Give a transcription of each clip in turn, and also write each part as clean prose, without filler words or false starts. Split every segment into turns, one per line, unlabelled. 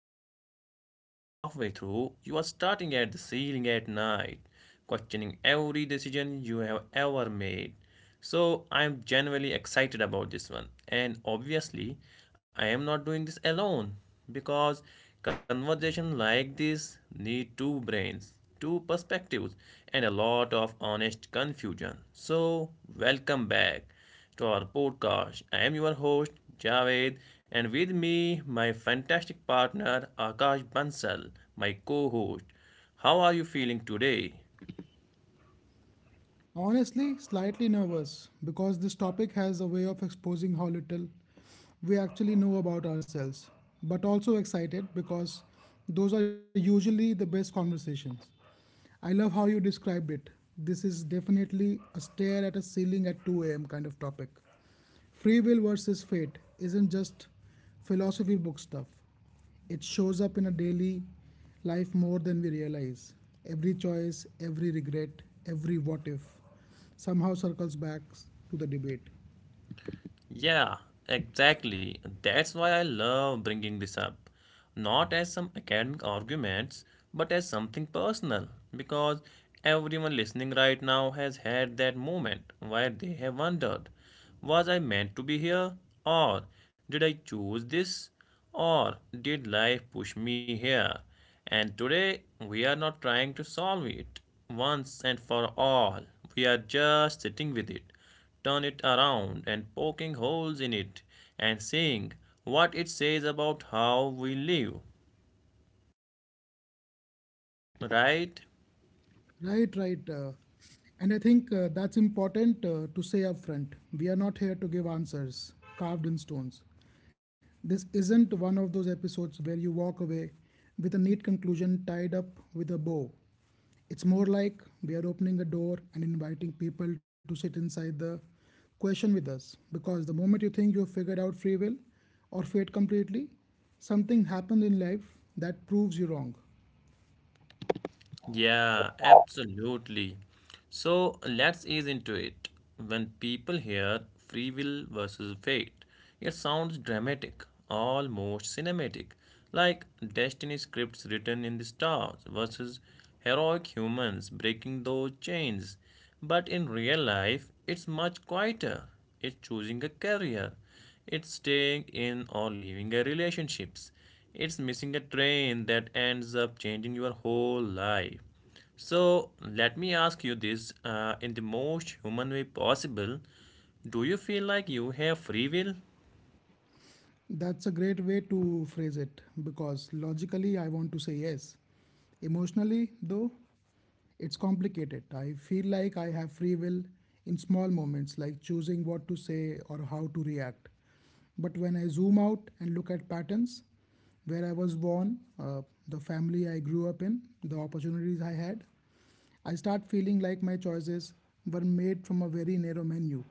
casually, and halfway through, you are starting at the ceiling at night, questioning every decision you have ever made. So I'm genuinely excited about this one. And obviously, I am not doing this alone because conversation like this need two brains, two perspectives and a lot of honest confusion. So, welcome back to our podcast. I am your host Javed and with me my fantastic partner Akash Bansal, my co-host. How are you feeling today?
Honestly, slightly nervous because this topic has a way of exposing how little we actually know about ourselves, but also excited because those are usually the best conversations. I love how you described it. This is definitely a stare at a ceiling at 2 a.m. kind of topic. Free will versus fate isn't just philosophy book stuff. It shows up in a daily life more than we realize. Every choice, every regret, every what if somehow circles back to the debate.
Yeah, exactly. That's why I love bringing this up. Not as some academic arguments, but as something personal. Because everyone listening right now has had that moment where they have wondered, was I meant to be here? Or did I choose this? Or did life push me here? And today, we are not trying to solve it once and for all. We are just sitting with it, turn it around and poking holes in it and seeing what it says about how we live, right?
Right, right. And I think that's important to say upfront. We are not here to give answers carved in stones. This isn't one of those episodes where you walk away with a neat conclusion tied up with a bow. It's more like we are opening a door and inviting people to sit inside the question with us. Because the moment you think you have figured out free will or fate completely, something happens in life that proves you wrong.
Yeah, absolutely. So let's ease into it. When people hear free will versus fate, it sounds dramatic, almost cinematic, like destiny scripts written in the stars versus heroic humans breaking those chains. But in real life, it's much quieter. It's choosing a career. It's staying in or leaving a relationships. It's missing a train that ends up changing your whole life. So let me ask you this, in the most human way possible. Do you feel like you have free will?
That's a great way to phrase it because logically I want to say yes. Emotionally, though, it's complicated. I feel like I have free will in small moments, like choosing what to say or how to react. But when I zoom out and look at patterns, where I was born, the family I grew up in, the opportunities I had, I start feeling like my choices were made from a very narrow menu.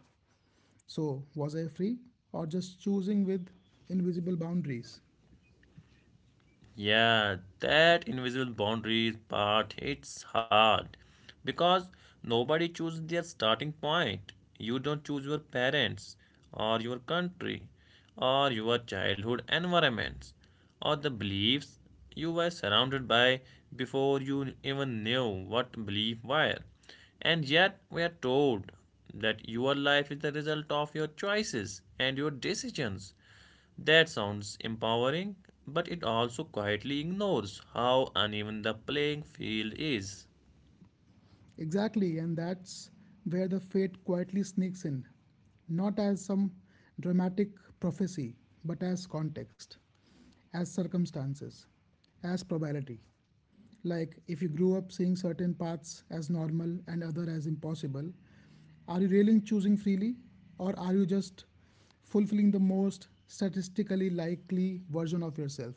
So, was I free or just choosing with invisible boundaries?
Yeah, that invisible boundaries part hits hard because nobody chooses their starting point. You don't choose your parents or your country or your childhood environments or the beliefs you were surrounded by before you even knew what belief were. And yet we are told that your life is the result of your choices and your decisions, that sounds empowering, but it also quietly ignores how uneven the playing field is.
Exactly, and that's where the fate quietly sneaks in, not as some dramatic prophecy, but as context, as circumstances, as probability. Like, if you grew up seeing certain paths as normal and other as impossible, are you really choosing freely, or are you just fulfilling the most statistically likely version of yourself?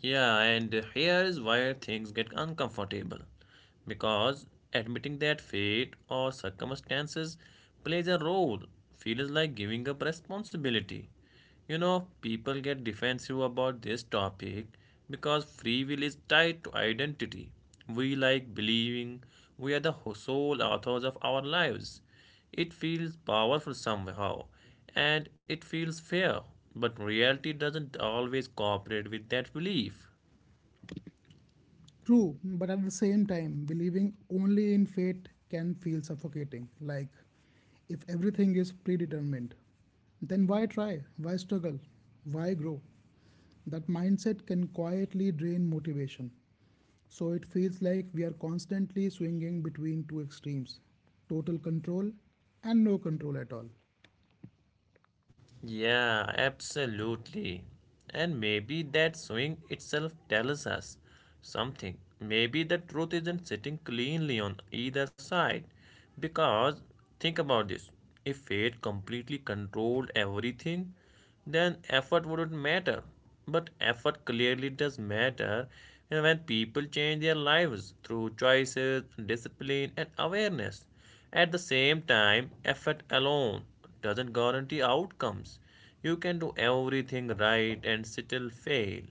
Yeah, and here is where things get uncomfortable because admitting that fate or circumstances plays a role feels like giving up responsibility. You know, people get defensive about this topic because free will is tied to identity. We like believing we are the sole authors of our lives. It feels powerful somehow, and it feels fair. But reality doesn't always cooperate with that belief.
True, but at the same time, believing only in fate can feel suffocating. Like, if everything is predetermined, then why try? Why struggle? Why grow? That mindset can quietly drain motivation. So it feels like we are constantly swinging between two extremes total control and no control at all.
Yeah, absolutely. And maybe that swing itself tells us something. Maybe the truth isn't sitting cleanly on either side. Because think about this, if fate completely controlled everything, then effort wouldn't matter. But effort clearly does matter and when people change their lives through choices, discipline, and awareness. At the same time, effort alone doesn't guarantee outcomes. You can do everything right and still fail.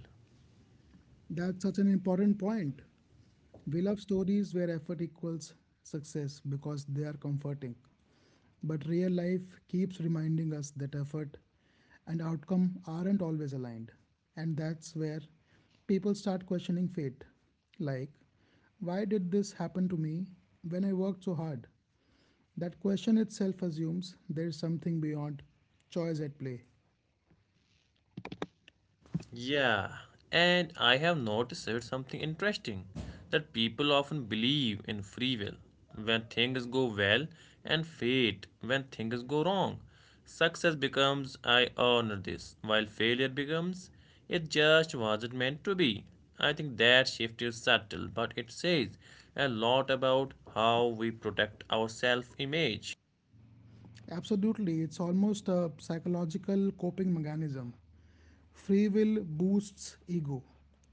That's such an important point. We love stories where effort equals success because they are comforting. But real life keeps reminding us that effort and outcome aren't always aligned. And that's where people start questioning fate. Like, why did this happen to me when I worked so hard? That question itself assumes there's something beyond choice at play.
Yeah, and I have noticed something interesting, that people often believe in free will when things go well and fate when things go wrong. Success becomes I earned this, while failure becomes it just wasn't meant to be. I think that shift is subtle, but it says a lot about how we protect our self image.
Absolutely, it's almost a psychological coping mechanism. Free will boosts ego,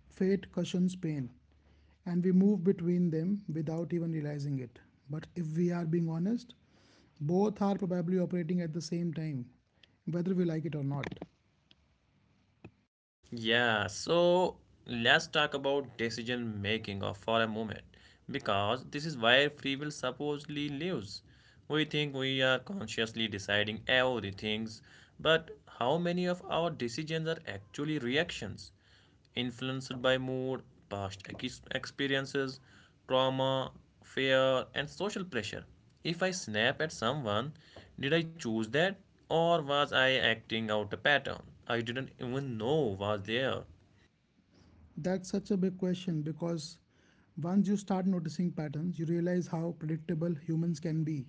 fate cushions pain, and we move between them without even realizing it. But if we are being honest, both are probably operating at the same time, whether we like it or not.
Yeah, so let's talk about decision making or for a moment because this is where free will supposedly lives. We think we are consciously deciding everything, but how many of our decisions are actually reactions? Influenced by mood, past experiences, trauma, fear, and social pressure. If I snap at someone, did I choose that or was I acting out a pattern I didn't even know was there?
That's such a big question because once you start noticing patterns, you realize how predictable humans can be.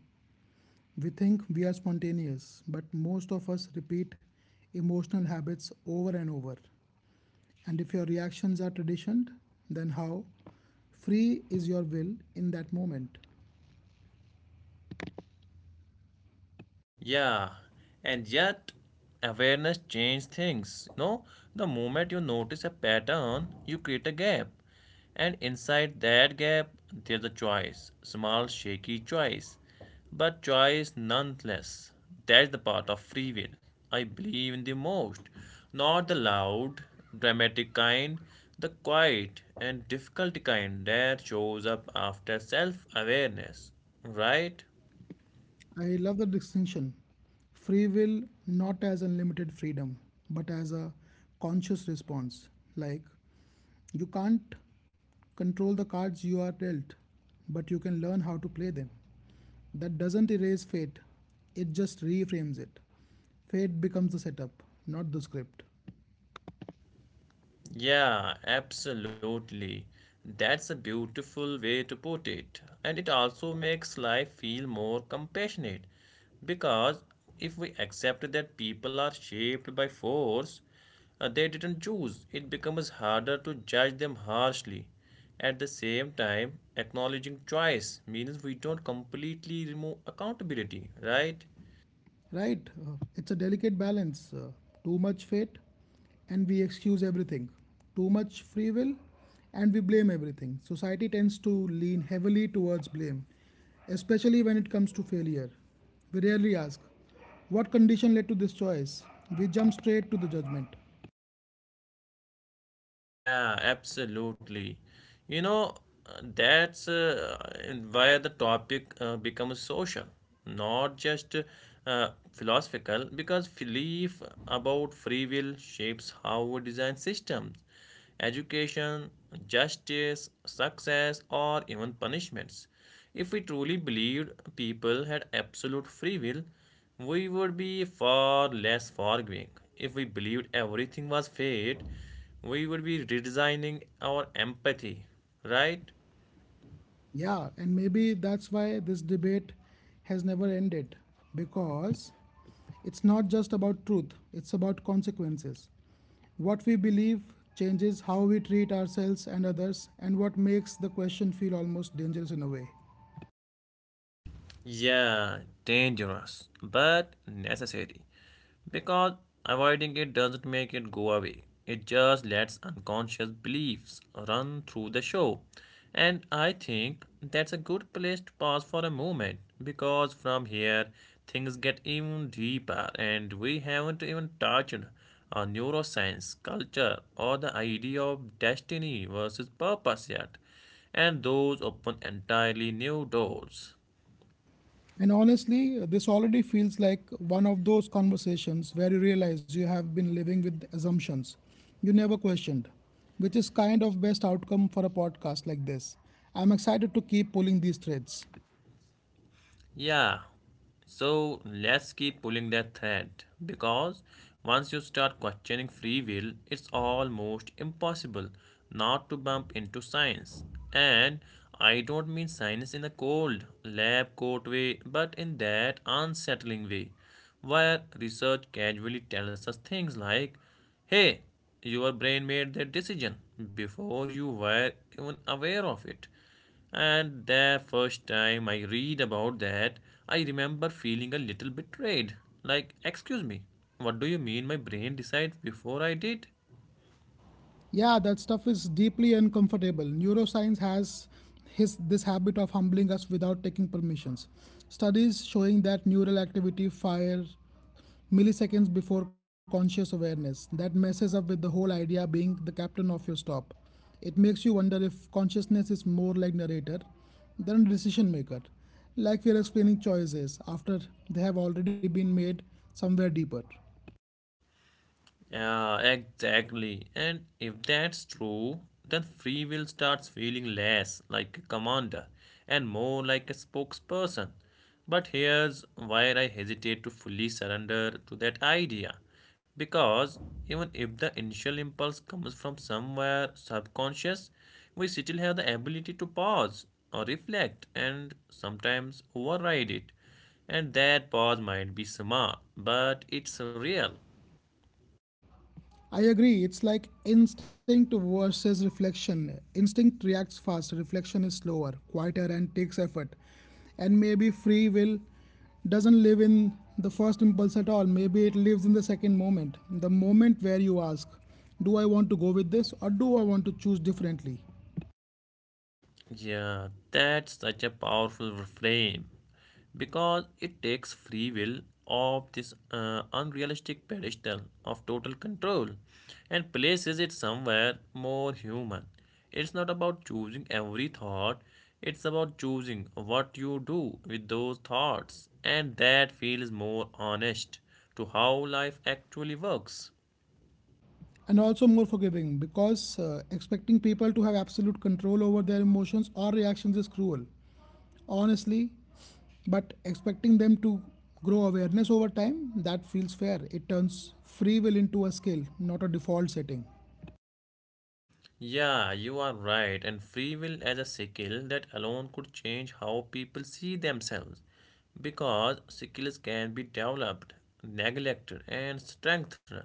We think we are spontaneous, but most of us repeat emotional habits over and over. And if your reactions are traditioned, then how free is your will in that moment?
Yeah, and yet awareness changes things. No, the moment you notice a pattern, you create a gap. And inside that gap, there's a choice, small, shaky choice, but choice nonetheless. That's the part of free will I believe in the most. Not the loud, dramatic kind, the quiet and difficult kind that shows up after self awareness, right?
I love the distinction free will not as unlimited freedom, but as a conscious response. Like you can't control the cards you are dealt, but you can learn how to play them. That doesn't erase fate, it just reframes it. Fate becomes the setup, not the script.
Yeah, absolutely. That's a beautiful way to put it. And it also makes life feel more compassionate. Because if we accept that people are shaped by force they didn't choose, it becomes harder to judge them harshly. At the same time, acknowledging choice means we don't completely remove accountability, right?
Right? It's a delicate balance. Too much fate, and we excuse everything. Too much free will, and we blame everything. Society tends to lean heavily towards blame, especially when it comes to failure. We rarely ask, what condition led to this choice? We jump straight to the judgment.
Yeah, absolutely. You know, that's why the topic becomes social, not just philosophical, because belief about free will shapes how we design systems, education, justice, success, or even punishments. If we truly believed people had absolute free will, we would be far less forgiving. If we believed everything was fate, we would be redesigning our empathy, right?
Yeah, and maybe that's why this debate has never ended because it's not just about truth, it's about consequences. What we believe changes how we treat ourselves and others, and what makes the question feel almost dangerous in a way.
Yeah, dangerous, but necessary. Because avoiding it doesn't make it go away. It just lets unconscious beliefs run through the show. And I think that's a good place to pause for a moment because from here things get even deeper and we haven't even touched on neuroscience, culture, or the idea of destiny versus purpose yet and those open entirely new doors.
And honestly, this already feels like one of those conversations where you realize you have been living with assumptions you never questioned, which is kind of best outcome for a podcast like this. I'm excited to keep pulling these threads.
Yeah, so let's keep pulling that thread because once you start questioning free will, it's almost impossible not to bump into science. And I don't mean science in a cold lab coat way, but in that unsettling way where research casually tells us things like, hey, your brain made that decision before you were even aware of it. And the first time I read about that, I remember feeling a little betrayed. Like, excuse me, what do you mean my brain decided before I did?
Yeah, that stuff is deeply uncomfortable. Neuroscience has his this habit of humbling us without taking permissions. Studies showing that neural activity fire milliseconds before conscious awareness. That messes up with the whole idea being the captain of your stop. It makes you wonder if consciousness is more like narrator than decision maker. Like we are explaining choices after they have already been made somewhere deeper.
Yeah, exactly. And if that's true, then free will starts feeling less like a commander and more like a spokesperson. But here's where I hesitate to fully surrender to that idea. Because even if the initial impulse comes from somewhere subconscious, we still have the ability to pause or reflect and sometimes override it. And that pause might be smart, but it's real.
I agree. It's like instinct versus reflection. Instinct reacts fast, reflection is slower, quieter, and takes effort. And maybe free will doesn't live in the first impulse at all. Maybe it lives in the second moment, the moment where you ask, do I want to go with this or do I want to choose differently?
Yeah, that's such a powerful reframe because it takes free will of this unrealistic pedestal of total control and places it somewhere more human. It's not about choosing every thought, it's about choosing what you do with those thoughts, and that feels more honest to how life actually works.
And also more forgiving because expecting people to have absolute control over their emotions or reactions is cruel. Honestly, but expecting them to grow awareness over time, that feels fair. It turns free will into a skill, not a default setting.
Yeah, you are right. And free will as a skill, that alone could change how people see themselves because skills can be developed, neglected, and strengthened.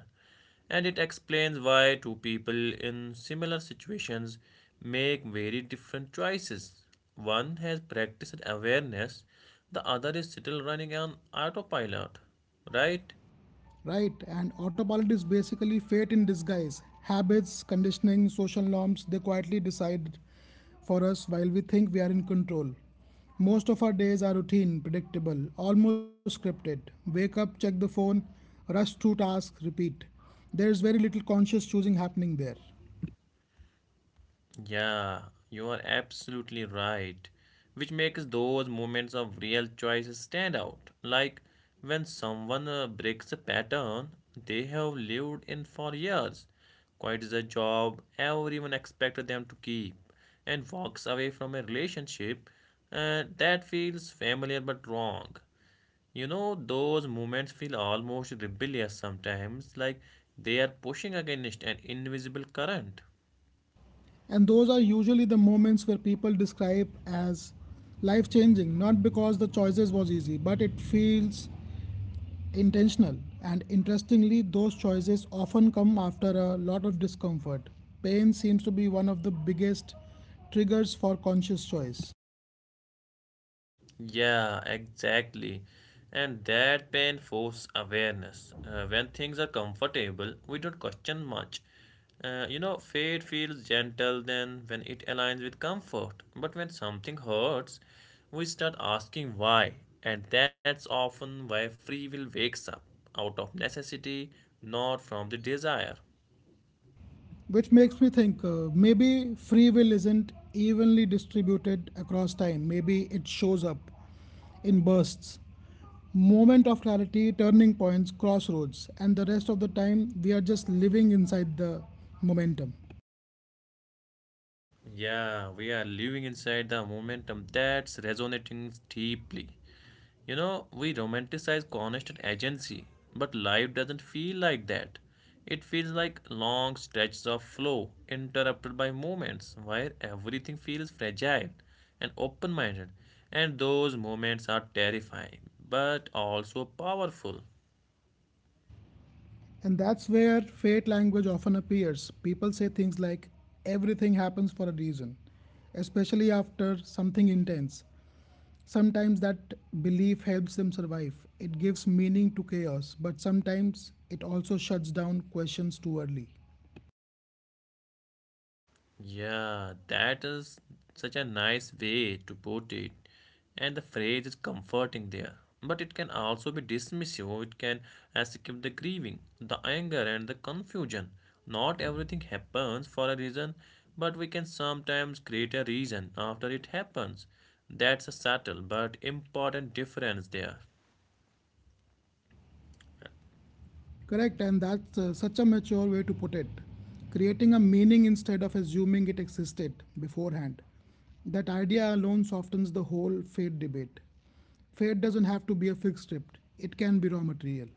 And it explains why two people in similar situations make very different choices. One has practiced awareness, the other is still running on autopilot, right?
Right, and autopilot is basically fate in disguise. Habits, conditioning, social norms, they quietly decide for us while we think we are in control. Most of our days are routine, predictable, almost scripted. Wake up, check the phone, rush through tasks, repeat. There is very little conscious choosing happening there.
Yeah, you are absolutely right. Which makes those moments of real choices stand out. Like when someone breaks a pattern they have lived in for years, quits a job everyone expected them to keep, and walks away from a relationship that feels familiar but wrong. You know, those moments feel almost rebellious sometimes, like they are pushing against an invisible current.
And those are usually the moments where people describe as life changing, not because the choices was easy, but it feels intentional. And interestingly, those choices often come after a lot of discomfort. Pain seems to be one of the biggest triggers for conscious choice.
Yeah, exactly. And that pain forces awareness. When things are comfortable, we don't question much. You know, fate feels gentle then when it aligns with comfort. But when something hurts, we start asking why. And that's often why free will wakes up out of necessity, not from the desire.
Which makes me think maybe free will isn't evenly distributed across time. Maybe it shows up in bursts, moment of clarity, turning points, crossroads, and the rest of the time we are just living inside the momentum.
Yeah, we are living inside the momentum, that's resonating deeply. You know, we romanticize constant agency, but life doesn't feel like that. It feels like long stretches of flow, interrupted by moments where everything feels fragile and open minded. And those moments are terrifying, but also powerful.
And that's where fate language often appears. People say things like, everything happens for a reason, especially after something intense. Sometimes that belief helps them survive. It gives meaning to chaos, but sometimes it also shuts down questions too early.
Yeah, that is such a nice way to put it. And the phrase is comforting there. But it can also be dismissive, it can escape the grieving, the anger, and the confusion. Not everything happens for a reason, but we can sometimes create a reason after it happens. That's a subtle but important difference there.
Correct, and that's such a mature way to put it. Creating a meaning instead of assuming it existed beforehand. That idea alone softens the whole fate debate. Fate doesn't have to be a fixed script, it can be raw material.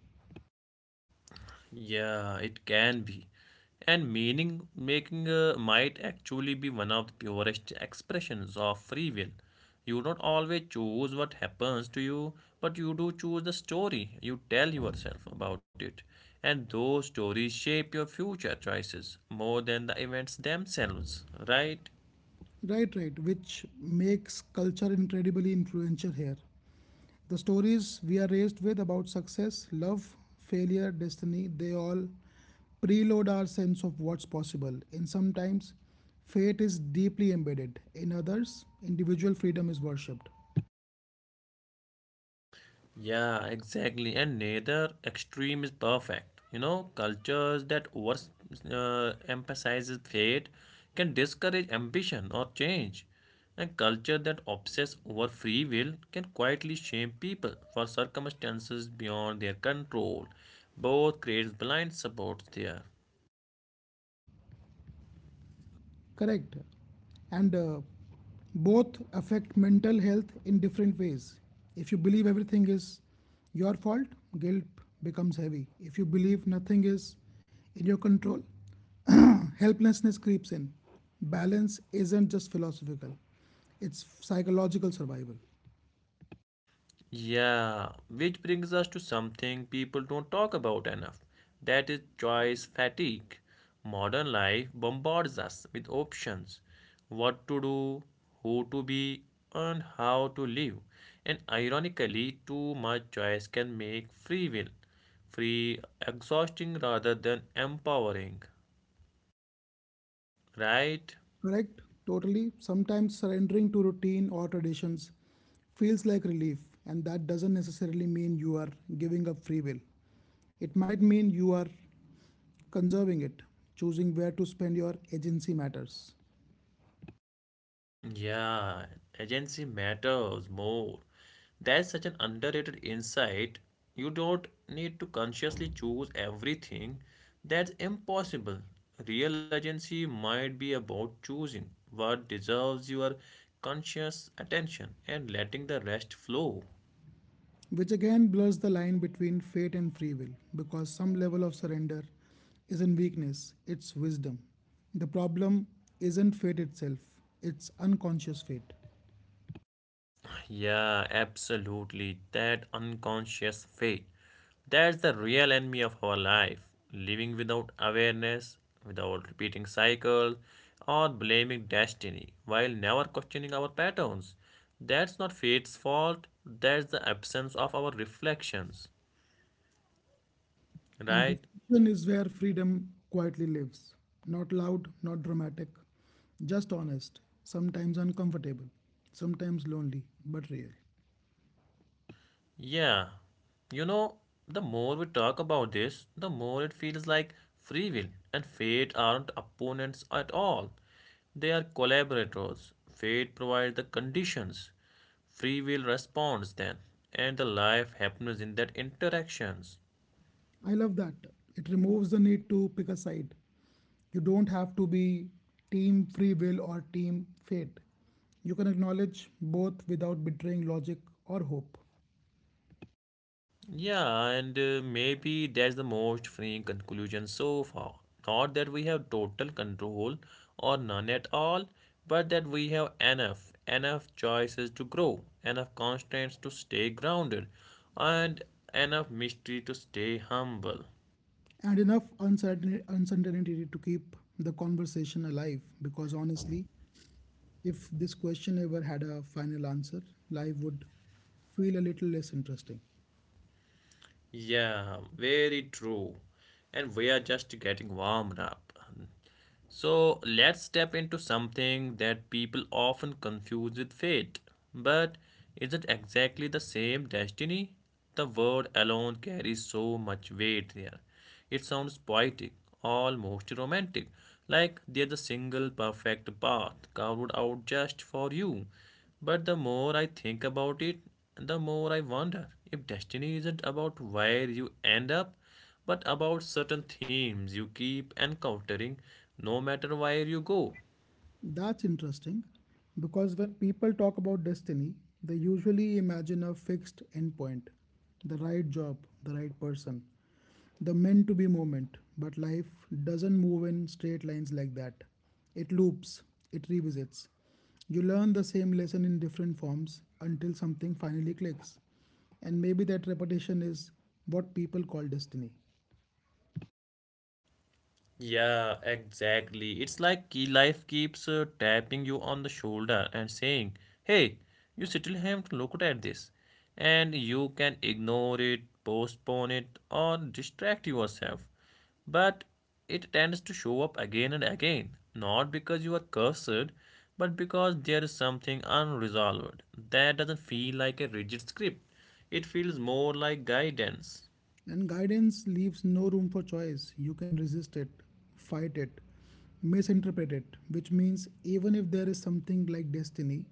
Yeah, it can be. And meaning making might actually be one of the purest expressions of free will. You don't always choose what happens to you, but you do choose the story you tell yourself about it. And those stories shape your future choices more than the events themselves, right?
Right, right, which makes culture incredibly influential here. The stories we are raised with about success, love, failure, destiny, they all preload our sense of what's possible. In some times, fate is deeply embedded. In others, individual freedom is worshipped.
Yeah, exactly. And neither extreme is perfect. You know, cultures that over emphasizes fate can discourage ambition or change. And culture that obsess over free will can quietly shame people for circumstances beyond their control. Both creates blind supports there.
Correct. And both affect mental health in different ways. If you believe everything is your fault, guilt becomes heavy. If you believe nothing is in your control, helplessness creeps in. Balance isn't just philosophical, it's psychological survival.
Yeah, which brings us to something people don't talk about enough. That is choice fatigue. Modern life bombards us with options, what to do, who to be, and how to live. And ironically, too much choice can make free will free exhausting rather than empowering, right?
Correct? Totally. Sometimes surrendering to routine or traditions feels like relief, and that doesn't necessarily mean you are giving up free will. It might mean you are conserving it. Choosing where to spend your agency matters.
Yeah, agency matters more. That's such an underrated insight. You don't need to consciously choose everything. That's impossible. Real agency might be about choosing what deserves your conscious attention and letting the rest flow.
Which again blurs the line between fate and free will because some level of surrender isn't weakness, it's wisdom. The problem isn't fate itself, it's unconscious fate.
Yeah, absolutely. That unconscious fate. That's the real enemy of our life. Living without awareness, without repeating cycles, or blaming destiny while never questioning our patterns. That's not fate's fault, that's the absence of our reflections.
And
Right?
discussion is where freedom quietly lives. Not loud, not dramatic, just honest, sometimes uncomfortable, sometimes lonely, but real.
Yeah. You know, the more we talk about this, the more it feels like free will and fate aren't opponents at all. They are collaborators. Fate provides the conditions. Free will responds then, and the life happens in that interactions.
I love that. It removes the need to pick a side. You don't have to be team free will or team fate. You can acknowledge both without betraying logic or hope.
Yeah, and maybe that's the most freeing conclusion so far. Not that we have total control or none at all, but that we have enough, enough choices to grow, enough constraints to stay grounded, and enough mystery to stay humble.
And enough uncertainty to keep the conversation alive because honestly, if this question ever had a final answer, life would feel a little less interesting.
Yeah, very true. And we are just getting warmed up. So let's step into something that people often confuse with fate. But is it exactly the same destiny? The word alone carries so much weight there. It sounds poetic, almost romantic, like there's a single perfect path carved out just for you. But the more I think about it, the more I wonder if destiny isn't about where you end up, but about certain themes you keep encountering no matter where you go.
That's interesting because when people talk about destiny, they usually imagine a fixed endpoint, the right job, the right person, the meant to be moment. But life doesn't move in straight lines like that. It loops, it revisits. You learn the same lesson in different forms until something finally clicks. And maybe that repetition is what people call destiny.
Yeah, exactly. It's like key life keeps tapping you on the shoulder and saying, "Hey, you still haven't looked at this," and you can ignore it, postpone it, or distract yourself. But it tends to show up again and again, not because you are cursed, but because there is something unresolved. That doesn't feel like a rigid script. It feels more like guidance.
And guidance leaves no room for choice. You can resist it, fight it, misinterpret it, which means even if there is something like destiny,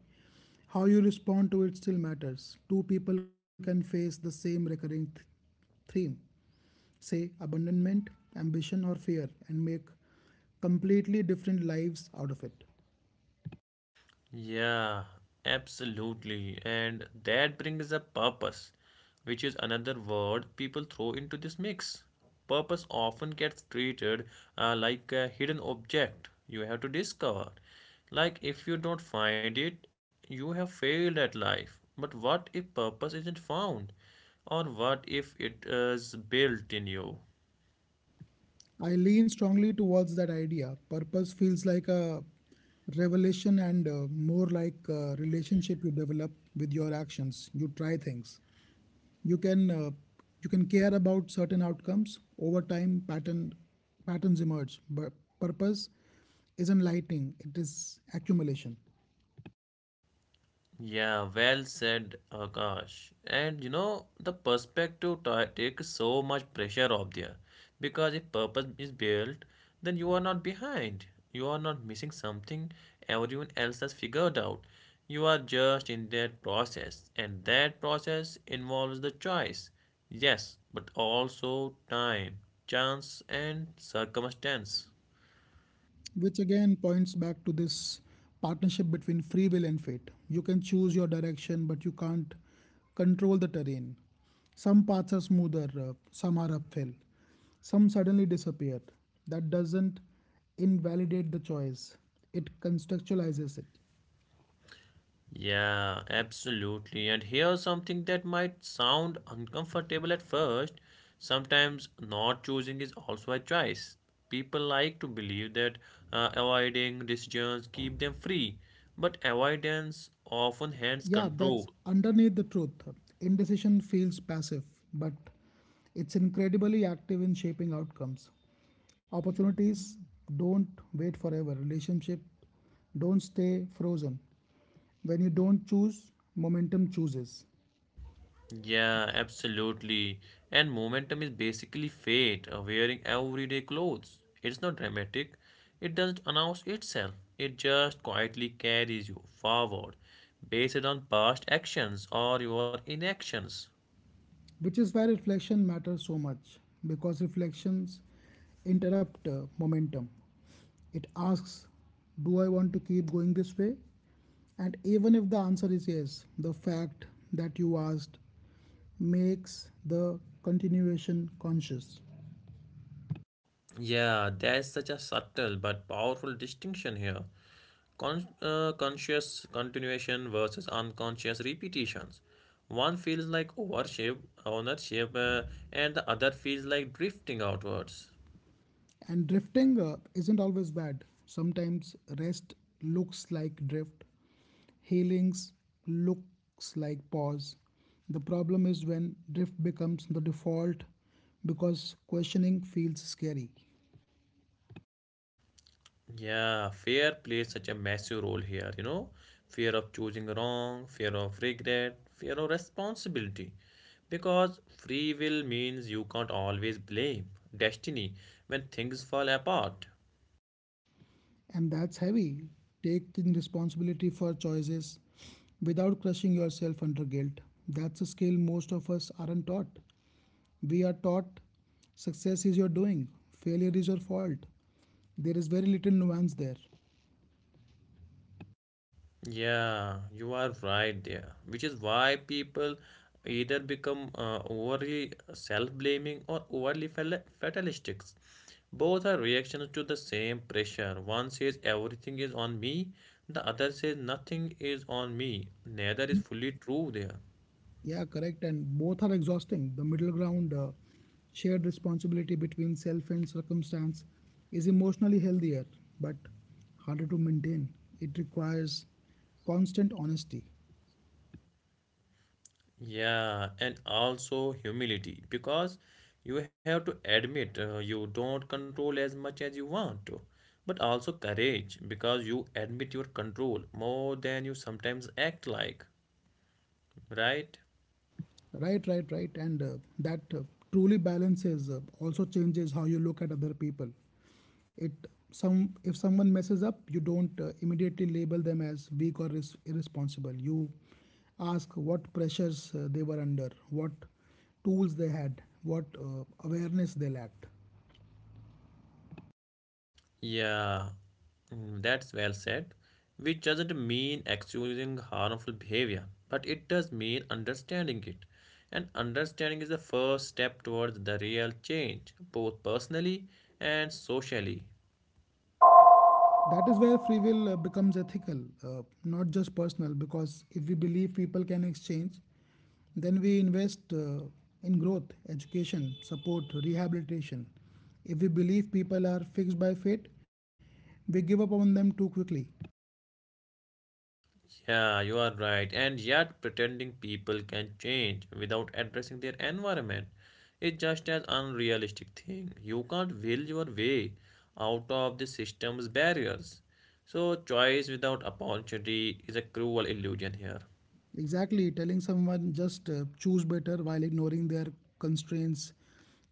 how you respond to it still matters. Two people can face the same recurring theme, say abandonment, ambition, or fear, and make completely different lives out of it.
Yeah, absolutely. And that brings up purpose, which is another word people throw into this mix. Purpose often gets treated like a hidden object you have to discover. Like if you don't find it, you have failed at life. But what if purpose isn't found? Or what if it is built in you?
I lean strongly towards that idea. Purpose feels like a revelation and more like a relationship you develop with your actions. You try things. You can uh, you can care about certain outcomes over time. Patterns emerge, but purpose isn't lighting. It is accumulation.
Yeah, well said, Akash. And the perspective takes so much pressure off there because if purpose is built, then you are not behind. You are not missing something everyone else has figured out. You are just in that process, and that process involves the choice. Yes, but also time, chance, and circumstance.
Which again points back to this partnership between free will and fate. You can choose your direction, but you can't control the terrain. Some paths are smoother, some are uphill, some suddenly disappear. That doesn't invalidate the choice, it contextualizes it.
Yeah, absolutely. And here's something that might sound uncomfortable at first. Sometimes not choosing is also a choice. People like to believe that avoiding decisions keep them free, but avoidance often hands
Yeah, that's
control.
underneath the truth. Indecision feels passive, but it's incredibly active in shaping outcomes. Opportunities don't wait forever. Relationship don't stay frozen. When you don't choose, momentum chooses.
Yeah, absolutely. And momentum is basically fate, wearing everyday clothes. It's not dramatic, it doesn't announce itself, it just quietly carries you forward, based on past actions or your inactions.
Which is why reflection matters so much because reflections interrupt momentum. It asks, do I want to keep going this way? And even if the answer is yes, the fact that you asked makes the continuation conscious.
Yeah, that's such a subtle but powerful distinction here. Conscious continuation versus unconscious repetitions. One feels like worship, ownership, and the other feels like drifting outwards.
And drifting isn't always bad. Sometimes rest looks like drift, healings looks like pause. The problem is when drift becomes the default because questioning feels scary.
Yeah, fear plays such a massive role here, Fear of choosing wrong, fear of regret, fear of responsibility. Because free will means you can't always blame destiny when things fall apart.
And that's heavy. Taking responsibility for choices without crushing yourself under guilt. That's a skill most of us aren't taught. We are taught success is your doing, failure is your fault. There is very little nuance there.
Yeah, you are right there, which is why people either become overly self-blaming or overly fatalistic. Both are reactions to the same pressure. One says everything is on me, the other says nothing is on me. Neither is fully true there.
Yeah, correct. And both are exhausting. The middle ground, shared responsibility between self and circumstance, is emotionally healthier but harder to maintain. It requires constant honesty.
Yeah, and also humility because you have to admit you don't control as much as you want to, but also courage because you admit your control more than you sometimes act like, right?
Right, right, right. And that truly balances also changes how you look at other people. It some if someone messes up, you don't immediately label them as weak or is irresponsible. You ask what pressures they were under, what tools they had, what awareness they lacked.
Yeah, mm, that's well said. Which doesn't mean excusing harmful behavior, but it does mean understanding it. And understanding is the first step towards the real change, both personally and socially.
That is where free will becomes ethical, not just personal, because if we believe people can exchange, then we invest in growth, education, support, rehabilitation. If we believe people are fixed by fate, we give up on them too quickly.
Yeah, you are right. And yet, pretending people can change without addressing their environment is just as unrealistic thing. You can't will your way out of the system's barriers. So, choice without opportunity is a cruel illusion here.
Exactly, telling someone just choose better while ignoring their constraints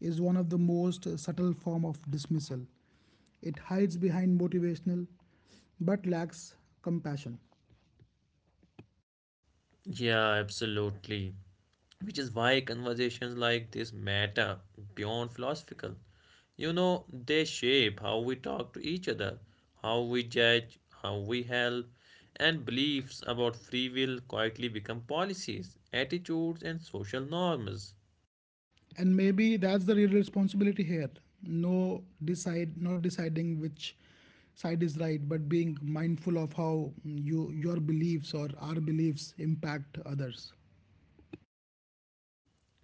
is one of the most subtle form of dismissal. It hides behind motivational but lacks compassion.
Yeah, absolutely. Which is why conversations like this matter beyond philosophical. They shape how we talk to each other, how we judge, how we help, and beliefs about free will quietly become policies, attitudes, and social norms.
And maybe that's the real responsibility here, no decide not deciding which side is right but being mindful of how you your beliefs or our beliefs impact others.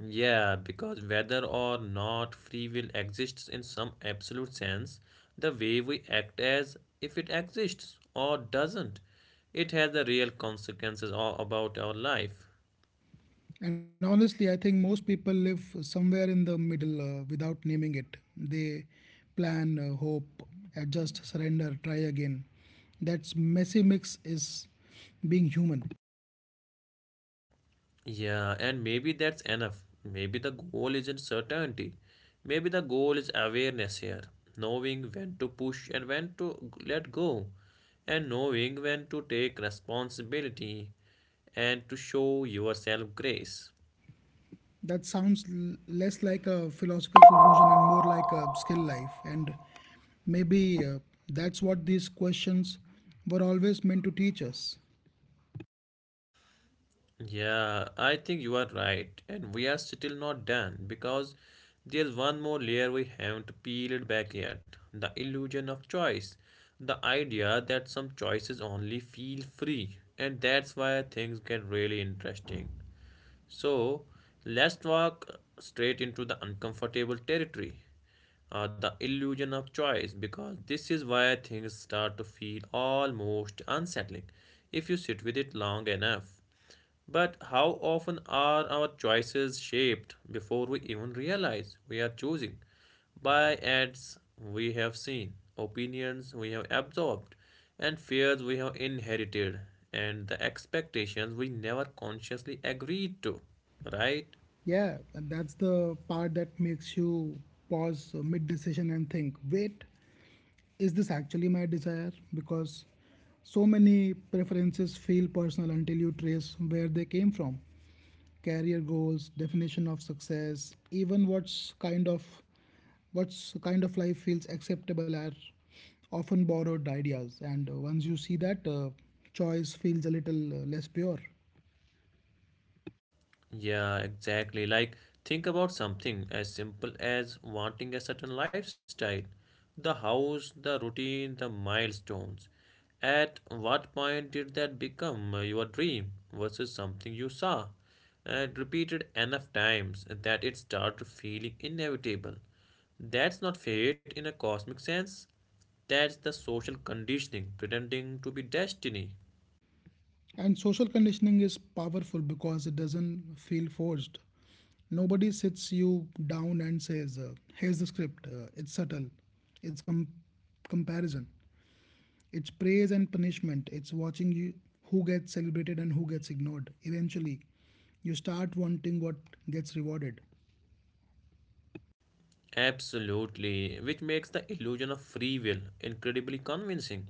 Yeah, because whether or not free will exists in some absolute sense, the way we act as if it exists or doesn't, it has the real consequences all about our life.
And honestly, I think most people live somewhere in the middle, without naming it they plan, hope, adjust, surrender, try again. That's messy mix is being human.
Yeah, and maybe that's enough. Maybe the goal isn't certainty. Maybe the goal is awareness here, knowing when to push and when to let go, and knowing when to take responsibility and to show yourself grace.
That sounds less like a philosophical conclusion and more like a skill life. And maybe that's what these questions were always meant to teach us.
Yeah, I think you are right, and we are still not done because there's one more layer we haven't peeled back yet the illusion of choice. The idea that some choices only feel free, and that's why things get really interesting. So let's walk straight into the uncomfortable territory, the illusion of choice, because this is where things start to feel almost unsettling if you sit with it long enough. But how often are our choices shaped before we even realize we are choosing? By ads we have seen, opinions we have absorbed, and fears we have inherited, and the expectations we never consciously agreed to, right?
Yeah, and that's the part that makes you pause mid decision and think, wait, is this actually my desire? Because so many preferences feel personal until you trace where they came from. Career goals, definition of success, even what's kind of life feels acceptable are often borrowed ideas. And once you see that, choice feels a little less pure.
Yeah, exactly. Like, think about something as simple as wanting a certain lifestyle, the house, the routine, the milestones. At what point did that become your dream versus something you saw and repeated enough times that it started feeling inevitable? That's not fate in a cosmic sense. That's the social conditioning pretending to be destiny.
And social conditioning is powerful because it doesn't feel forced. Nobody sits you down and says, here's the script. It's subtle. It's comparison. It's praise and punishment. It's watching you who gets celebrated and who gets ignored. Eventually, you start wanting what gets rewarded.
Absolutely, which makes the illusion of free will incredibly convincing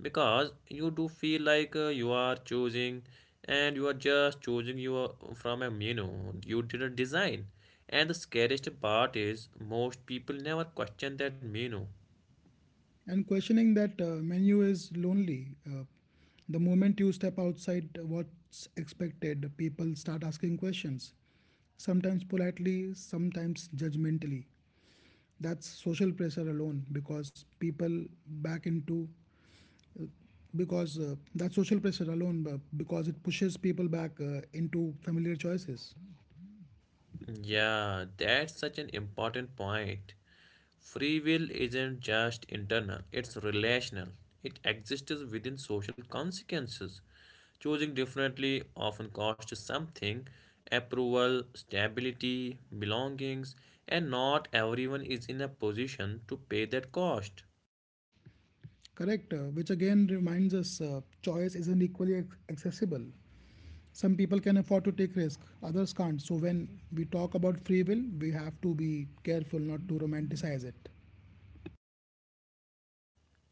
because you do feel like you are choosing and you are just choosing your from a menu you didn't design. And the scariest part is most people never question that menu.
And questioning that menu is lonely. The moment you step outside what's expected, people start asking questions, sometimes politely, sometimes judgmentally. That's social pressure alone because people back into because that social pressure alone because it pushes people back into familiar choices.
Yeah, that's such an important point. Free will isn't just internal, it's relational. It exists within social consequences. Choosing differently often costs something approval, stability, belongings, and not everyone is in a position to pay that cost.
Correct, which again reminds us choice isn't equally accessible. Some people can afford to take risk, others can't, so when we talk about free will we have to be careful not to romanticize it.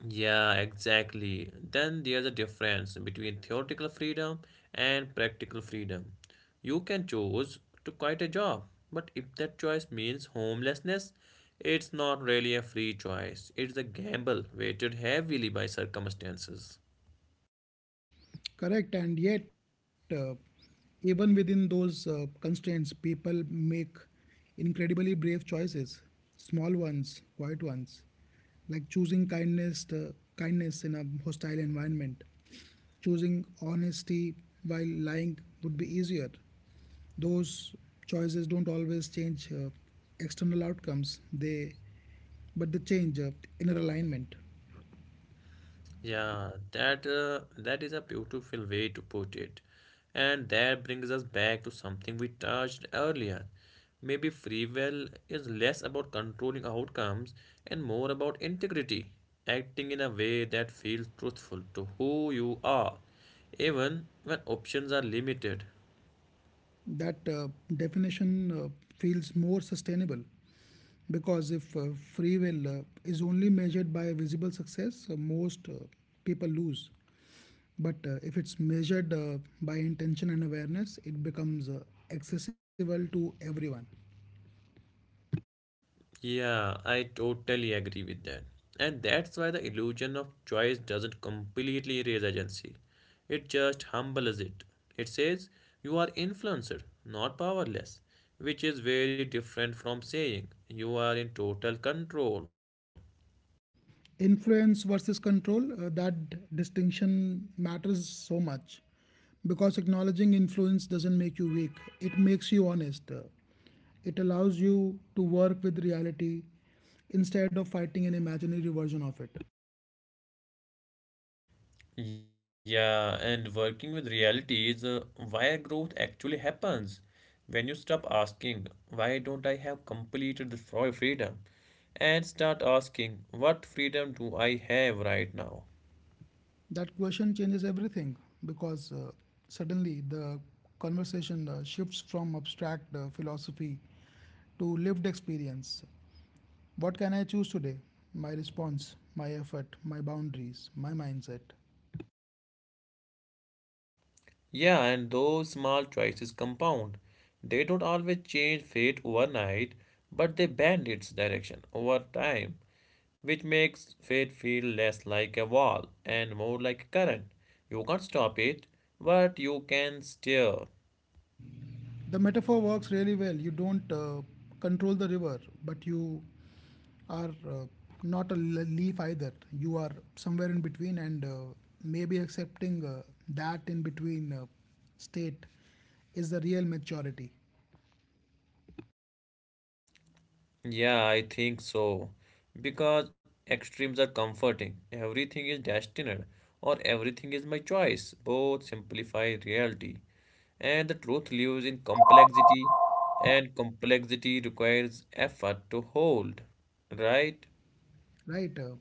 Yeah, exactly. Then there's a difference between theoretical freedom and practical freedom. You can choose to quit a job, but if that choice means homelessness, it's not really a free choice. It's a gamble weighted heavily by circumstances.
Correct, and yet, even within those constraints, people make incredibly brave choices, small ones, quiet ones, like choosing kindness, kindness in a hostile environment. Choosing honesty while lying would be easier. Those choices don't always change external outcomes; they, but they change inner alignment.
Yeah, that is a beautiful way to put it. And that brings us back to something we touched earlier. Maybe free will is less about controlling outcomes and more about integrity, acting in a way that feels truthful to who you are, even when options are limited.
That definition feels more sustainable. Because if free will is only measured by visible success, most people lose. But if it's measured by intention and awareness, it becomes accessible to everyone.
Yeah, I totally agree with that. And that's why the illusion of choice doesn't completely erase agency. It just humbles it. It says you are influencer, not powerless, which is very different from saying you are in total control.
Influence versus control, that distinction matters so much because acknowledging influence doesn't make you weak, it makes you honest. It allows you to work with reality instead of fighting an imaginary version of it.
Yeah, and working with reality is why growth actually happens. When you stop asking, why don't I have completed this freedom? And start asking, what freedom do I have right now?
That question changes everything because suddenly the conversation shifts from abstract philosophy to lived experience. What can I choose today? My response, my effort, my boundaries, my mindset.
Yeah, and those small choices compound. They don't always change fate overnight, but they bend its direction over time, which makes fate feel less like a wall and more like a current. You can't stop it, but you can steer.
The metaphor works really well. You don't control the river, but you are not a leaf either. You are somewhere in between, and maybe accepting that in between state is the real maturity.
Yeah, I think so. Because extremes are comforting. Everything is destined, or everything is my choice. Both simplify reality. And the truth lives in complexity, and complexity requires effort to hold. Right?
Right?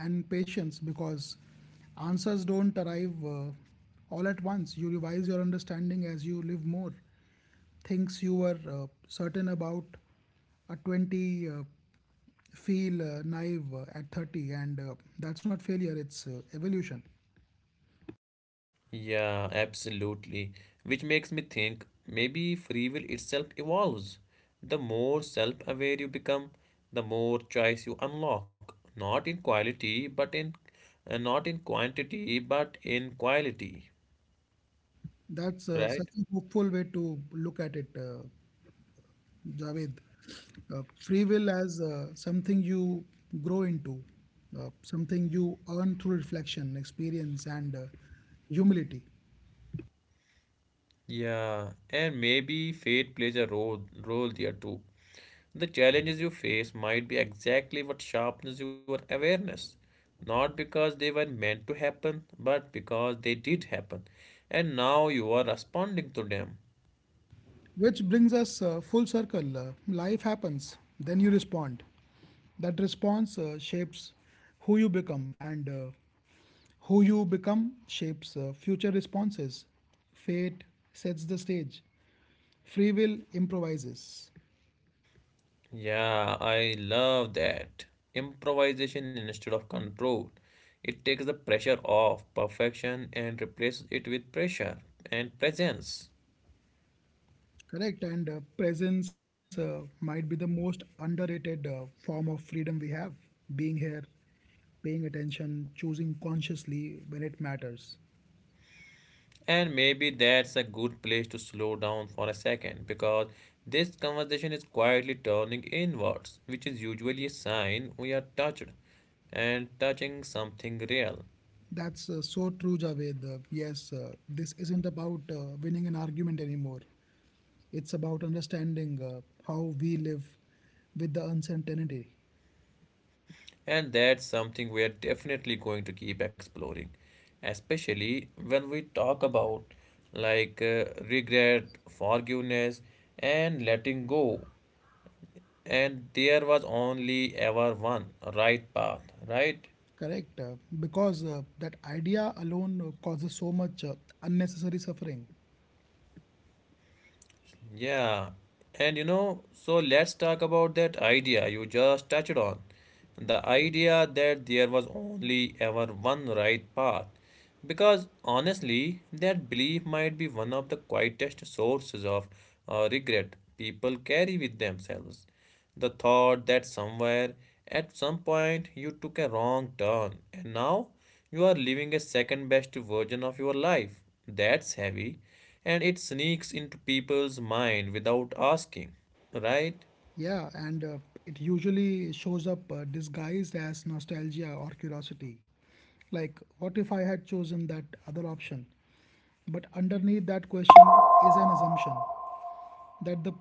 And patience because answers don't arrive all at once. You revise your understanding as you live more. Things you were certain about at 20 feel naive at 30, and that's not failure, it's evolution.
Yeah, absolutely. Which makes me think maybe free will itself evolves. The more self aware you become, the more choice you unlock. Not in quality, but in Not in quantity, but in quality.
That's such
Right?
a hopeful way to look at it. Javed, free will as something you grow into, something you earn through reflection, experience, and humility.
Yeah, and maybe fate plays a role there too. The challenges you face might be exactly what sharpens your awareness, not because they were meant to happen, but because they did happen, and now you are responding to them.
Which brings us full circle. Life happens, then you respond. That response shapes who you become, and who you become shapes future responses. Fate sets the stage, free will improvises.
Yeah, I love that. Improvisation instead of control. It takes the pressure off perfection and replaces it with pressure and presence.
Correct, and presence might be the most underrated form of freedom we have. Being here, paying attention, choosing consciously when it matters.
And maybe that's a good place to slow down for a second because this conversation is quietly turning inwards, which is usually a sign we are touched and touching something real.
That's so true, Javed. Yes, this isn't about winning an argument anymore. It's about understanding how we live with the uncertainty.
And that's something we are definitely going to keep exploring, especially when we talk about like regret, forgiveness, and letting go. And there was only ever one right path, right?
Correct, because that idea alone causes so much unnecessary suffering.
Yeah, and so let's talk about that idea you just touched on. The idea that there was only ever one right path. Because honestly, that belief might be one of the quietest sources of regret people carry with themselves. The thought that somewhere at some point you took a wrong turn and now you are living a second best version of your life. That's heavy and it sneaks into people's mind without asking, right?
Yeah, and it usually shows up disguised as nostalgia or curiosity. Like, what if I had chosen that other option? But underneath that question is an assumption that the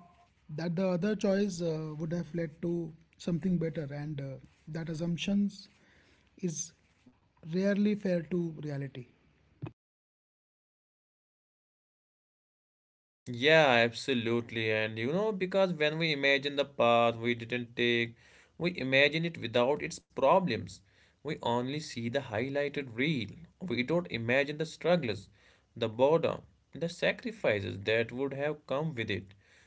that the other choice would have led to something better, and that assumptions is rarely fair to reality.
Yeah, absolutely. And because when we imagine the path we didn't take, we imagine it without its problems. We only see the highlighted reel. We don't imagine the struggles, the boredom, the sacrifices that would have come with it.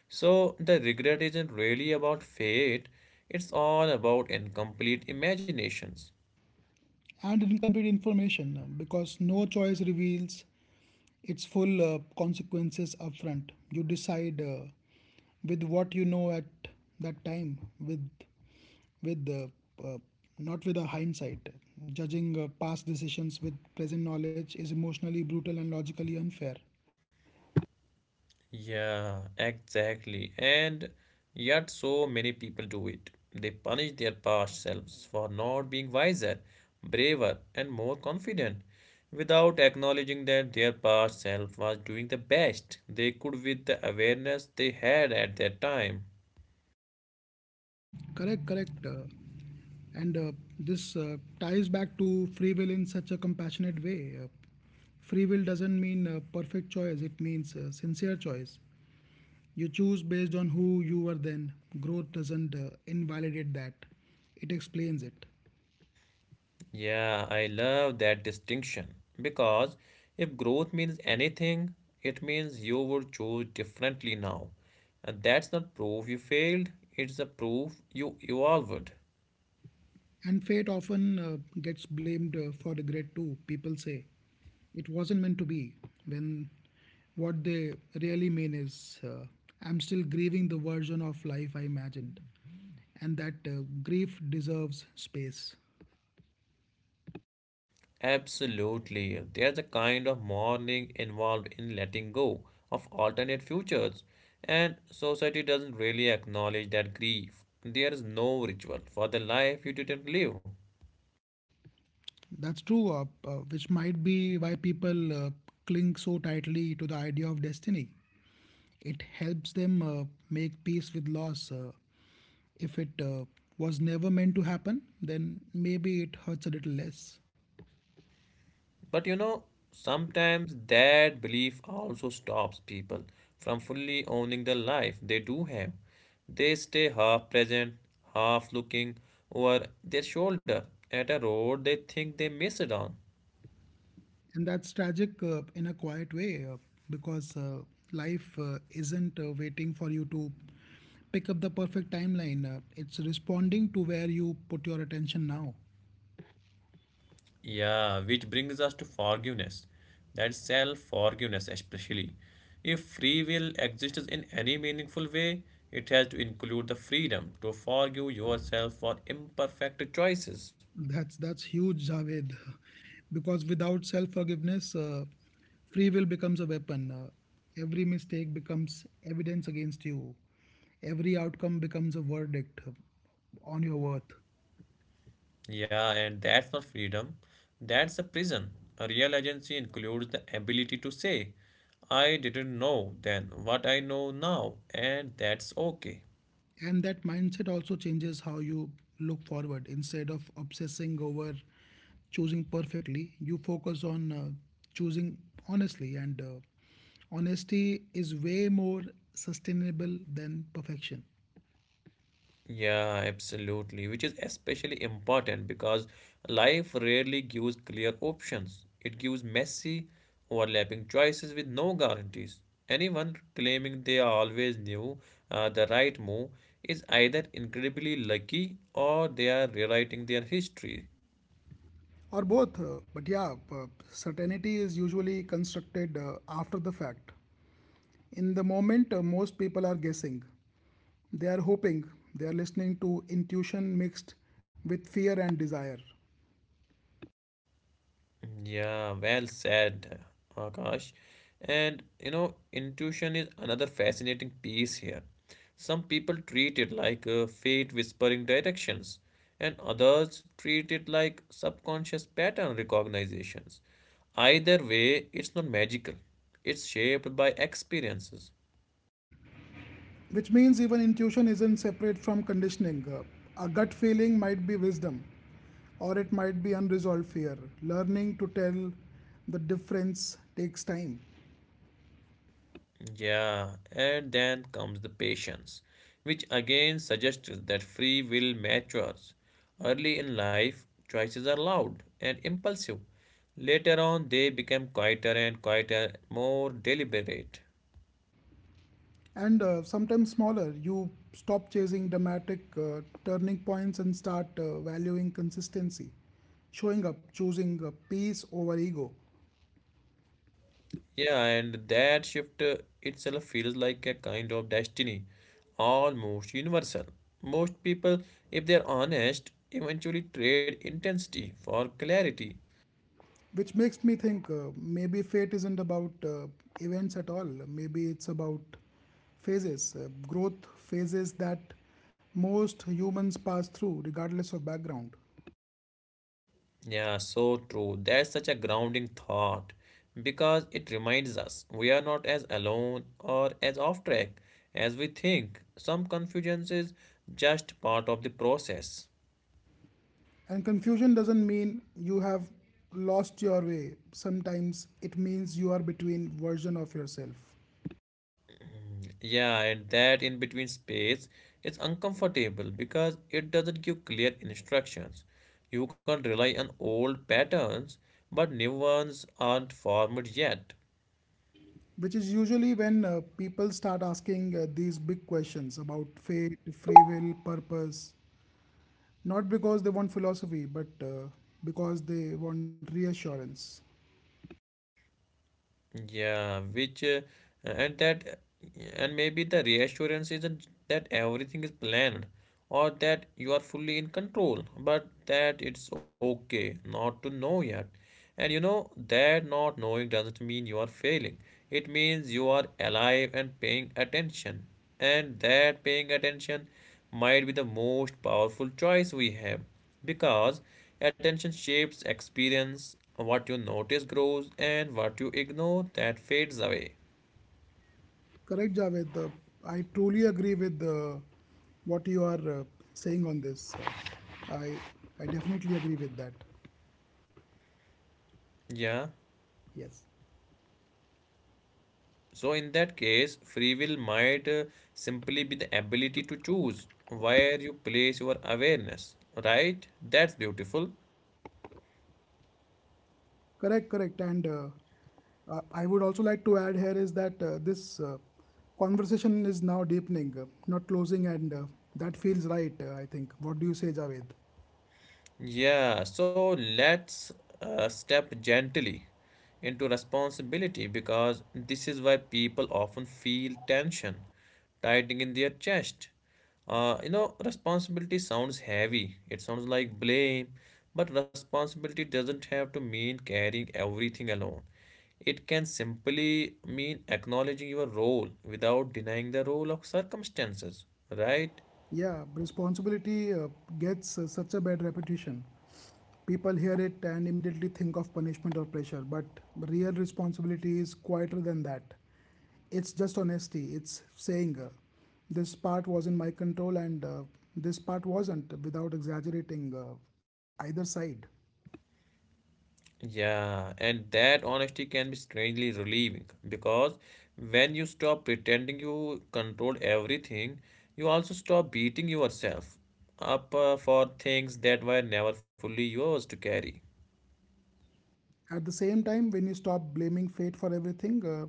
So the regret isn't really about fate, it's all about incomplete imaginations.
And incomplete information because no choice reveals it's full consequences upfront. You decide with what you know at that time, with not with a hindsight. Judging past decisions with present knowledge is emotionally brutal and logically unfair.
Yeah, exactly. And yet, so many people do it. They punish their past selves for not being wiser, braver, and more confident without acknowledging that their past self was doing the best they could with the awareness they had at that time.
Correct, correct. And this ties back to free will in such a compassionate way. Free will doesn't mean perfect choice, it means sincere choice. You choose based on who you were then. Growth doesn't invalidate that, it explains it.
Yeah, I love that distinction because if growth means anything, it means you would choose differently now. And that's not proof you failed, it's a proof you evolved.
And fate often gets blamed for regret too. People say it wasn't meant to be, when what they really mean is I'm still grieving the version of life I imagined, and that grief deserves space.
Absolutely. There's a kind of mourning involved in letting go of alternate futures, and society doesn't really acknowledge that grief. There is no ritual for the life you didn't live.
That's true, which might be why people cling so tightly to the idea of destiny. It helps them make peace with loss. If it was never meant to happen, then maybe it hurts a little less.
But you know, sometimes that belief also stops people from fully owning the life they do have. They stay half present, half looking over their shoulder at a road they think they missed on.
And that's tragic in a quiet way because life isn't waiting for you to pick up the perfect timeline. It's responding to where you put your attention now.
Yeah, which brings us to forgiveness. That self forgiveness, especially. If free will exists in any meaningful way, it has to include the freedom to forgive yourself for imperfect choices.
That's huge, Javed, because without self-forgiveness, free will becomes a weapon. Every mistake becomes evidence against you. Every outcome becomes a verdict on your worth.
Yeah, and that's not freedom. That's a prison. A real agency includes the ability to say, I didn't know then what I know now, and that's okay.
And that mindset also changes how you look forward. Instead of obsessing over choosing perfectly, you focus on choosing honestly. And honesty is way more sustainable than perfection.
Yeah, absolutely. Which is especially important because life rarely gives clear options, it gives messy, overlapping choices with no guarantees. Anyone claiming they always knew the right move is either incredibly lucky or they are rewriting their history.
Or both, but yeah, certainty is usually constructed after the fact. In the moment, most people are guessing. They are hoping. They are listening to intuition mixed with fear and desire.
Yeah, well said, Akash. And you know, intuition is another fascinating piece here. Some people treat it like fate whispering directions, and others treat it like subconscious pattern recognitions. Either way, it's not magical, it's shaped by experiences.
Which means even intuition isn't separate from conditioning. A gut feeling might be wisdom, or it might be unresolved fear. Learning to tell the difference takes time.
Yeah, and then comes the patience, which again suggests that free will matures. Early in life, choices are loud and impulsive. Later on, they become quieter and quieter, more deliberate.
And sometimes smaller. You stop chasing dramatic turning points and start valuing consistency, showing up, choosing peace over ego,
Yeah, and that shift itself feels like a kind of destiny, almost universal. Most people, if they're honest, eventually trade intensity for clarity.
which makes me think maybe fate isn't about events at all. Maybe it's about phases, growth phases that most humans pass through, regardless of background.
Yeah, so true. That's such a grounding thought because it reminds us we are not as alone or as off track as we think. Some confusion is just part of the process.
And confusion doesn't mean you have lost your way. Sometimes it means you are between version of yourself.
Yeah, and that in between space is uncomfortable because it doesn't give clear instructions. You can't rely on old patterns, but new ones aren't formed yet.
Which is usually when people start asking these big questions about fate, free will, purpose, not because they want philosophy, but because they want reassurance.
Yeah, which and that and maybe the reassurance isn't that everything is planned or that you are fully in control, but that it's okay not to know yet. And you know that not knowing doesn't mean you are failing. It means you are alive and paying attention. And that paying attention might be the most powerful choice we have because attention shapes experience. What you notice grows, and what you ignore that fades away.
Correct, Javed. I truly agree with what you are saying on this. I I definitely agree with that.
Yeah.
Yes.
So, in that case, free will might simply be the ability to choose where you place your awareness, right? That's beautiful.
Correct, correct. And I would also like to add here is that this conversation is now deepening, not closing, and that feels right, I think. What do you say, Javed?
Yeah, so let's step gently into responsibility because this is why people often feel tension tightening in their chest. You know, responsibility sounds heavy, it sounds like blame, but responsibility doesn't have to mean carrying everything alone. It can simply mean acknowledging your role without denying the role of circumstances, right?
Yeah, responsibility gets such a bad reputation. People hear it and immediately think of punishment or pressure, but real responsibility is quieter than that. It's just honesty, it's saying, this part was in my control and this part wasn't, without exaggerating either side.
Yeah, and that honesty can be strangely relieving because when you stop pretending you control everything, you also stop beating yourself up for things that were never fully yours to carry.
At the same time, when you stop blaming fate for everything,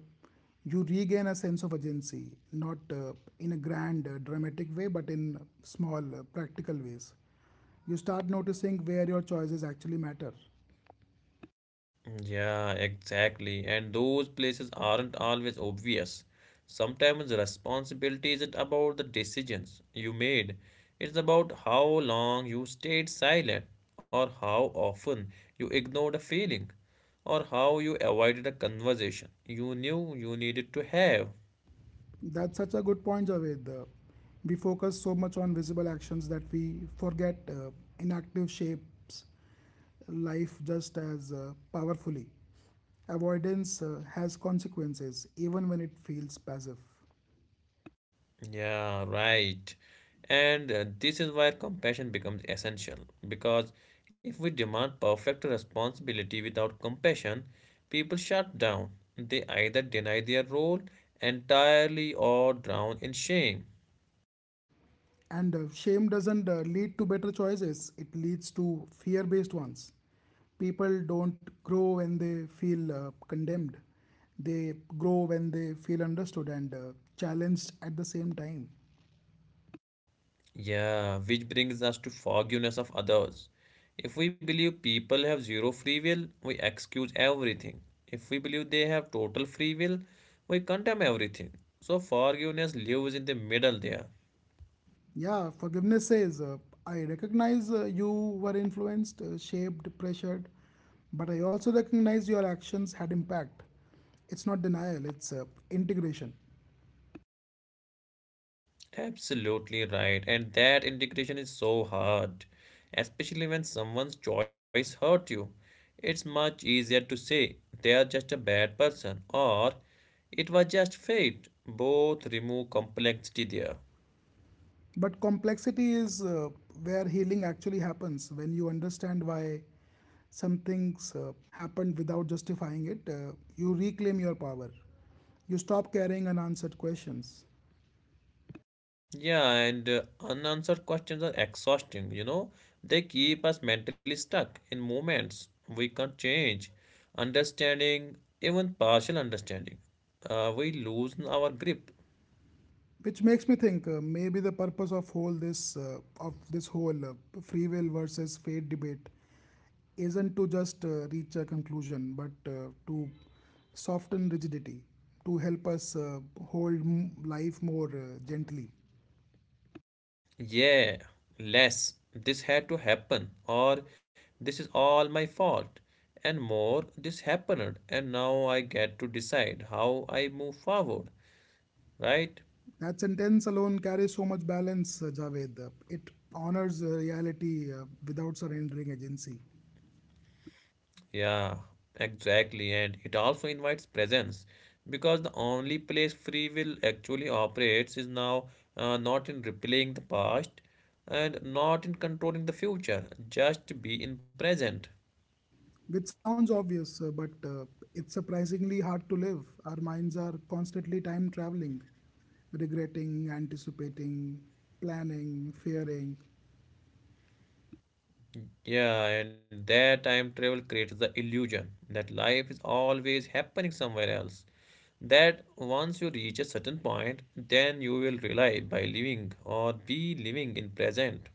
you regain a sense of agency, not in a grand, dramatic way, but in small, practical ways. You start noticing where your choices actually matter.
Yeah, exactly. And those places aren't always obvious. Sometimes responsibility isn't about the decisions you made, it's about how long you stayed silent or how often you ignored a feeling, or how you avoided a conversation you knew you needed to have.
That's such a good point, Javed. We focus so much on visible actions that we forget inactive shapes life just as powerfully. Avoidance has consequences, even when it feels passive.
Yeah, right. And this is where compassion becomes essential because if we demand perfect responsibility without compassion, people shut down. They either deny their role entirely or drown in shame.
And shame doesn't lead to better choices, it leads to fear based ones. People don't grow when they feel condemned, they grow when they feel understood and challenged at the same time.
Yeah, which brings us to forgiveness of others. If we believe people have zero free will, we excuse everything. If we believe they have total free will, we condemn everything. So forgiveness lives in the middle there.
Yeah, forgiveness says, I recognize you were influenced, shaped, pressured, but I also recognize your actions had impact. It's not denial, it's integration.
Absolutely right. And that integration is so hard, especially when someone's choice hurt you. It's much easier to say they are just a bad person or it was just fate. Both remove complexity there.
But complexity is where healing actually happens. When you understand why some things happened without justifying it, you reclaim your power. You stop carrying unanswered questions,
Yeah, and unanswered questions are exhausting, you know. They keep us mentally stuck in moments we can't change. Understanding, even partial understanding, we lose our grip.
which makes me think maybe the purpose of whole this of this whole free will versus fate debate isn't to just reach a conclusion, but to soften rigidity, to help us hold life more gently.
Yeah, less. This had to happen, or this is all my fault. And more, this happened, and now I get to decide how I move forward, right?
That sentence alone carries so much balance, Javed. It honors reality without surrendering agency,
Yeah, exactly. And it also invites presence because the only place free will actually operates is now, not in replaying the past and not in controlling the future, just be in present.
which sounds obvious, but it's surprisingly hard to live. Our minds are constantly time traveling, regretting, anticipating, planning, fearing.
Yeah, and that time travel creates the illusion that life is always happening somewhere else. That once you reach a certain point, then you will rely by living or be living in present.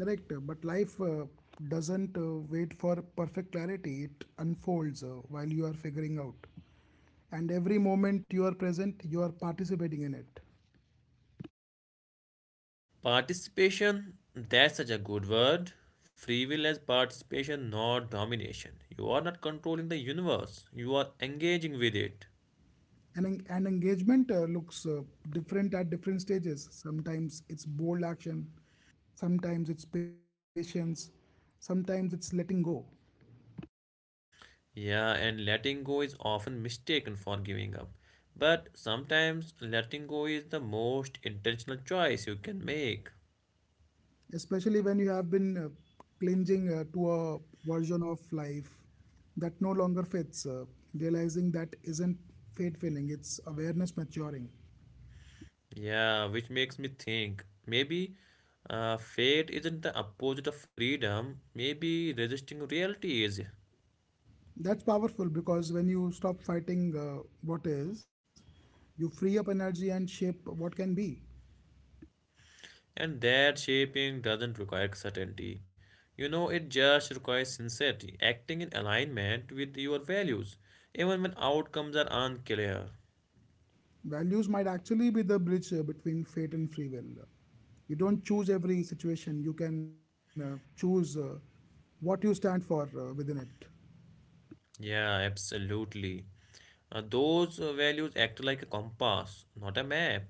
Correct, but life doesn't wait for perfect clarity, it unfolds while you are figuring out. And every moment you are present, you are participating in it.
Participation, that's such a good word. Free will as participation, not domination. You are not controlling the universe, you are engaging with it.
And engagement looks different at different stages. Sometimes it's bold action, sometimes it's patience, sometimes it's letting go,
Yeah, and letting go is often mistaken for giving up. But sometimes letting go is the most intentional choice you can make.
especially when you have been clinging to a version of life that no longer fits. Realizing that isn't fate failing, it's awareness maturing.
Yeah, which makes me think maybe fate isn't the opposite of freedom, maybe resisting reality is.
That's powerful because when you stop fighting what is, you free up energy and shape what can be.
And that shaping doesn't require certainty. You know, it just requires sincerity, acting in alignment with your values, even when outcomes are unclear.
Values might actually be the bridge between fate and free will. You don't choose every situation, you can choose what you stand for within it,
Yeah, absolutely. Those values act like a compass, not a map,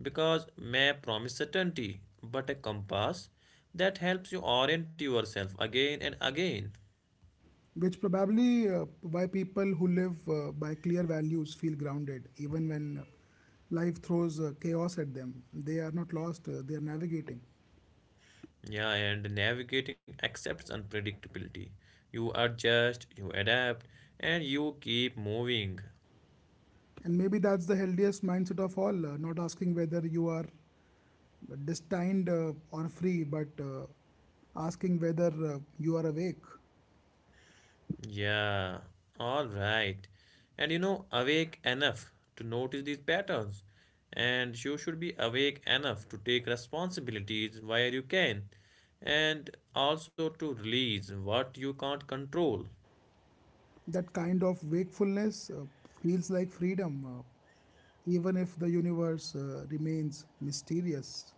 because map promises certainty, but a compass that helps you orient yourself again and again.
which probably why people who live by clear values feel grounded even when life throws chaos at them. They are not lost, they are navigating.
Yeah, and navigating accepts unpredictability. You adjust, you adapt, and you keep moving.
And maybe that's the healthiest mindset of all, not asking whether you are destined or free, but asking whether you are awake.
Yeah, all right. And you know, awake enough to notice these patterns. And you should be awake enough to take responsibilities where you can, and also to release what you can't control.
That kind of wakefulness feels like freedom, even if the universe remains mysterious.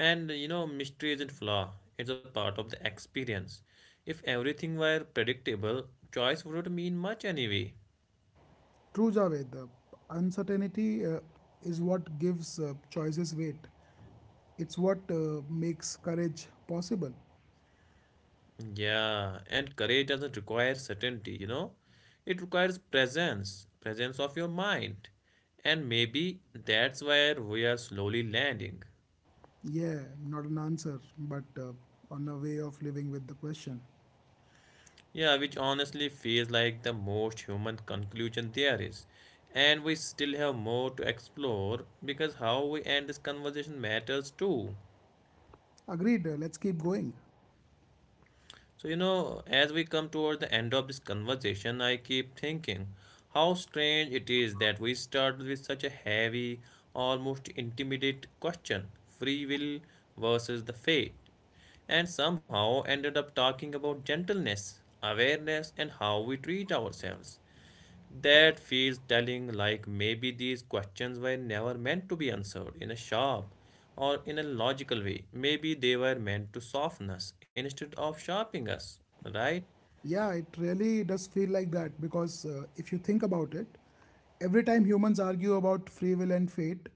And you know, mystery isn't flaw, it's a part of the experience. If everything were predictable, choice wouldn't mean much anyway.
True, Javed, uncertainty is what gives choices weight. It's what makes courage possible.
Yeah, and courage doesn't require certainty, you know. It requires presence, presence of your mind. And maybe that's where we are slowly landing.
Yeah, not an answer, but on a way of living with the question.
Yeah, which honestly feels like the most human conclusion there is. And we still have more to explore because how we end this conversation matters too.
Agreed, let's keep going.
So, you know, as we come toward the end of this conversation, I keep thinking how strange it is that we start with such a heavy, almost intimidate question free will versus the fate, and somehow ended up talking about gentleness, awareness, and how we treat ourselves. That feels telling, like maybe these questions were never meant to be answered in a shop or in a logical way. Maybe they were meant to soften us instead of sharpening us, right?
Yeah, it really does feel like that because if you think about it, every time humans argue about free will and fate,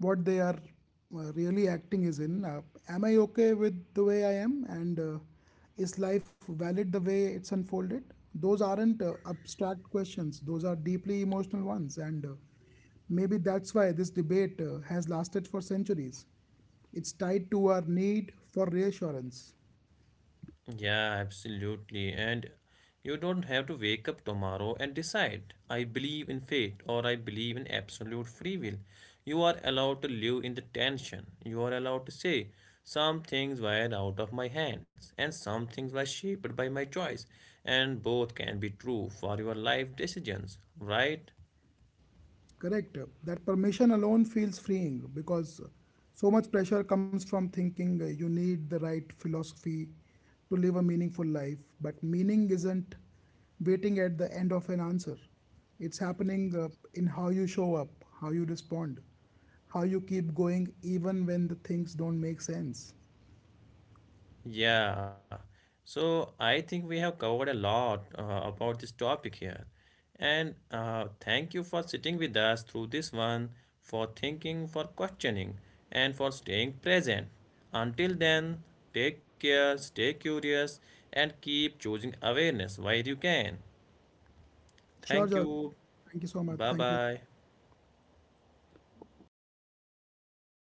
what they are really acting is in am I okay with the way I am and is life valid the way it's unfolded? Those aren't abstract questions, those are deeply emotional ones. And maybe that's why this debate has lasted for centuries. It's tied to our need for reassurance.
Yeah, absolutely. And you don't have to wake up tomorrow and decide, I believe in fate or I believe in absolute free will. You are allowed to live in the tension. You are allowed to say, some things were out of my hands and some things were shaped by my choice. And both can be true for your life decisions, right?
Correct. That permission alone feels freeing because so much pressure comes from thinking you need the right philosophy to live a meaningful life. But meaning isn't waiting at the end of an answer, it's happening in how you show up, how you respond, how you keep going even when the things don't make sense.
Yeah, so I think we have covered a lot about this topic here. And thank you for sitting with us through this one, for thinking, for questioning, and for staying present. Until then, take care, stay curious, and keep choosing awareness while you can.
Sure,
Thank
George.
you.
Thank you so much.
Bye
Thank you.
bye.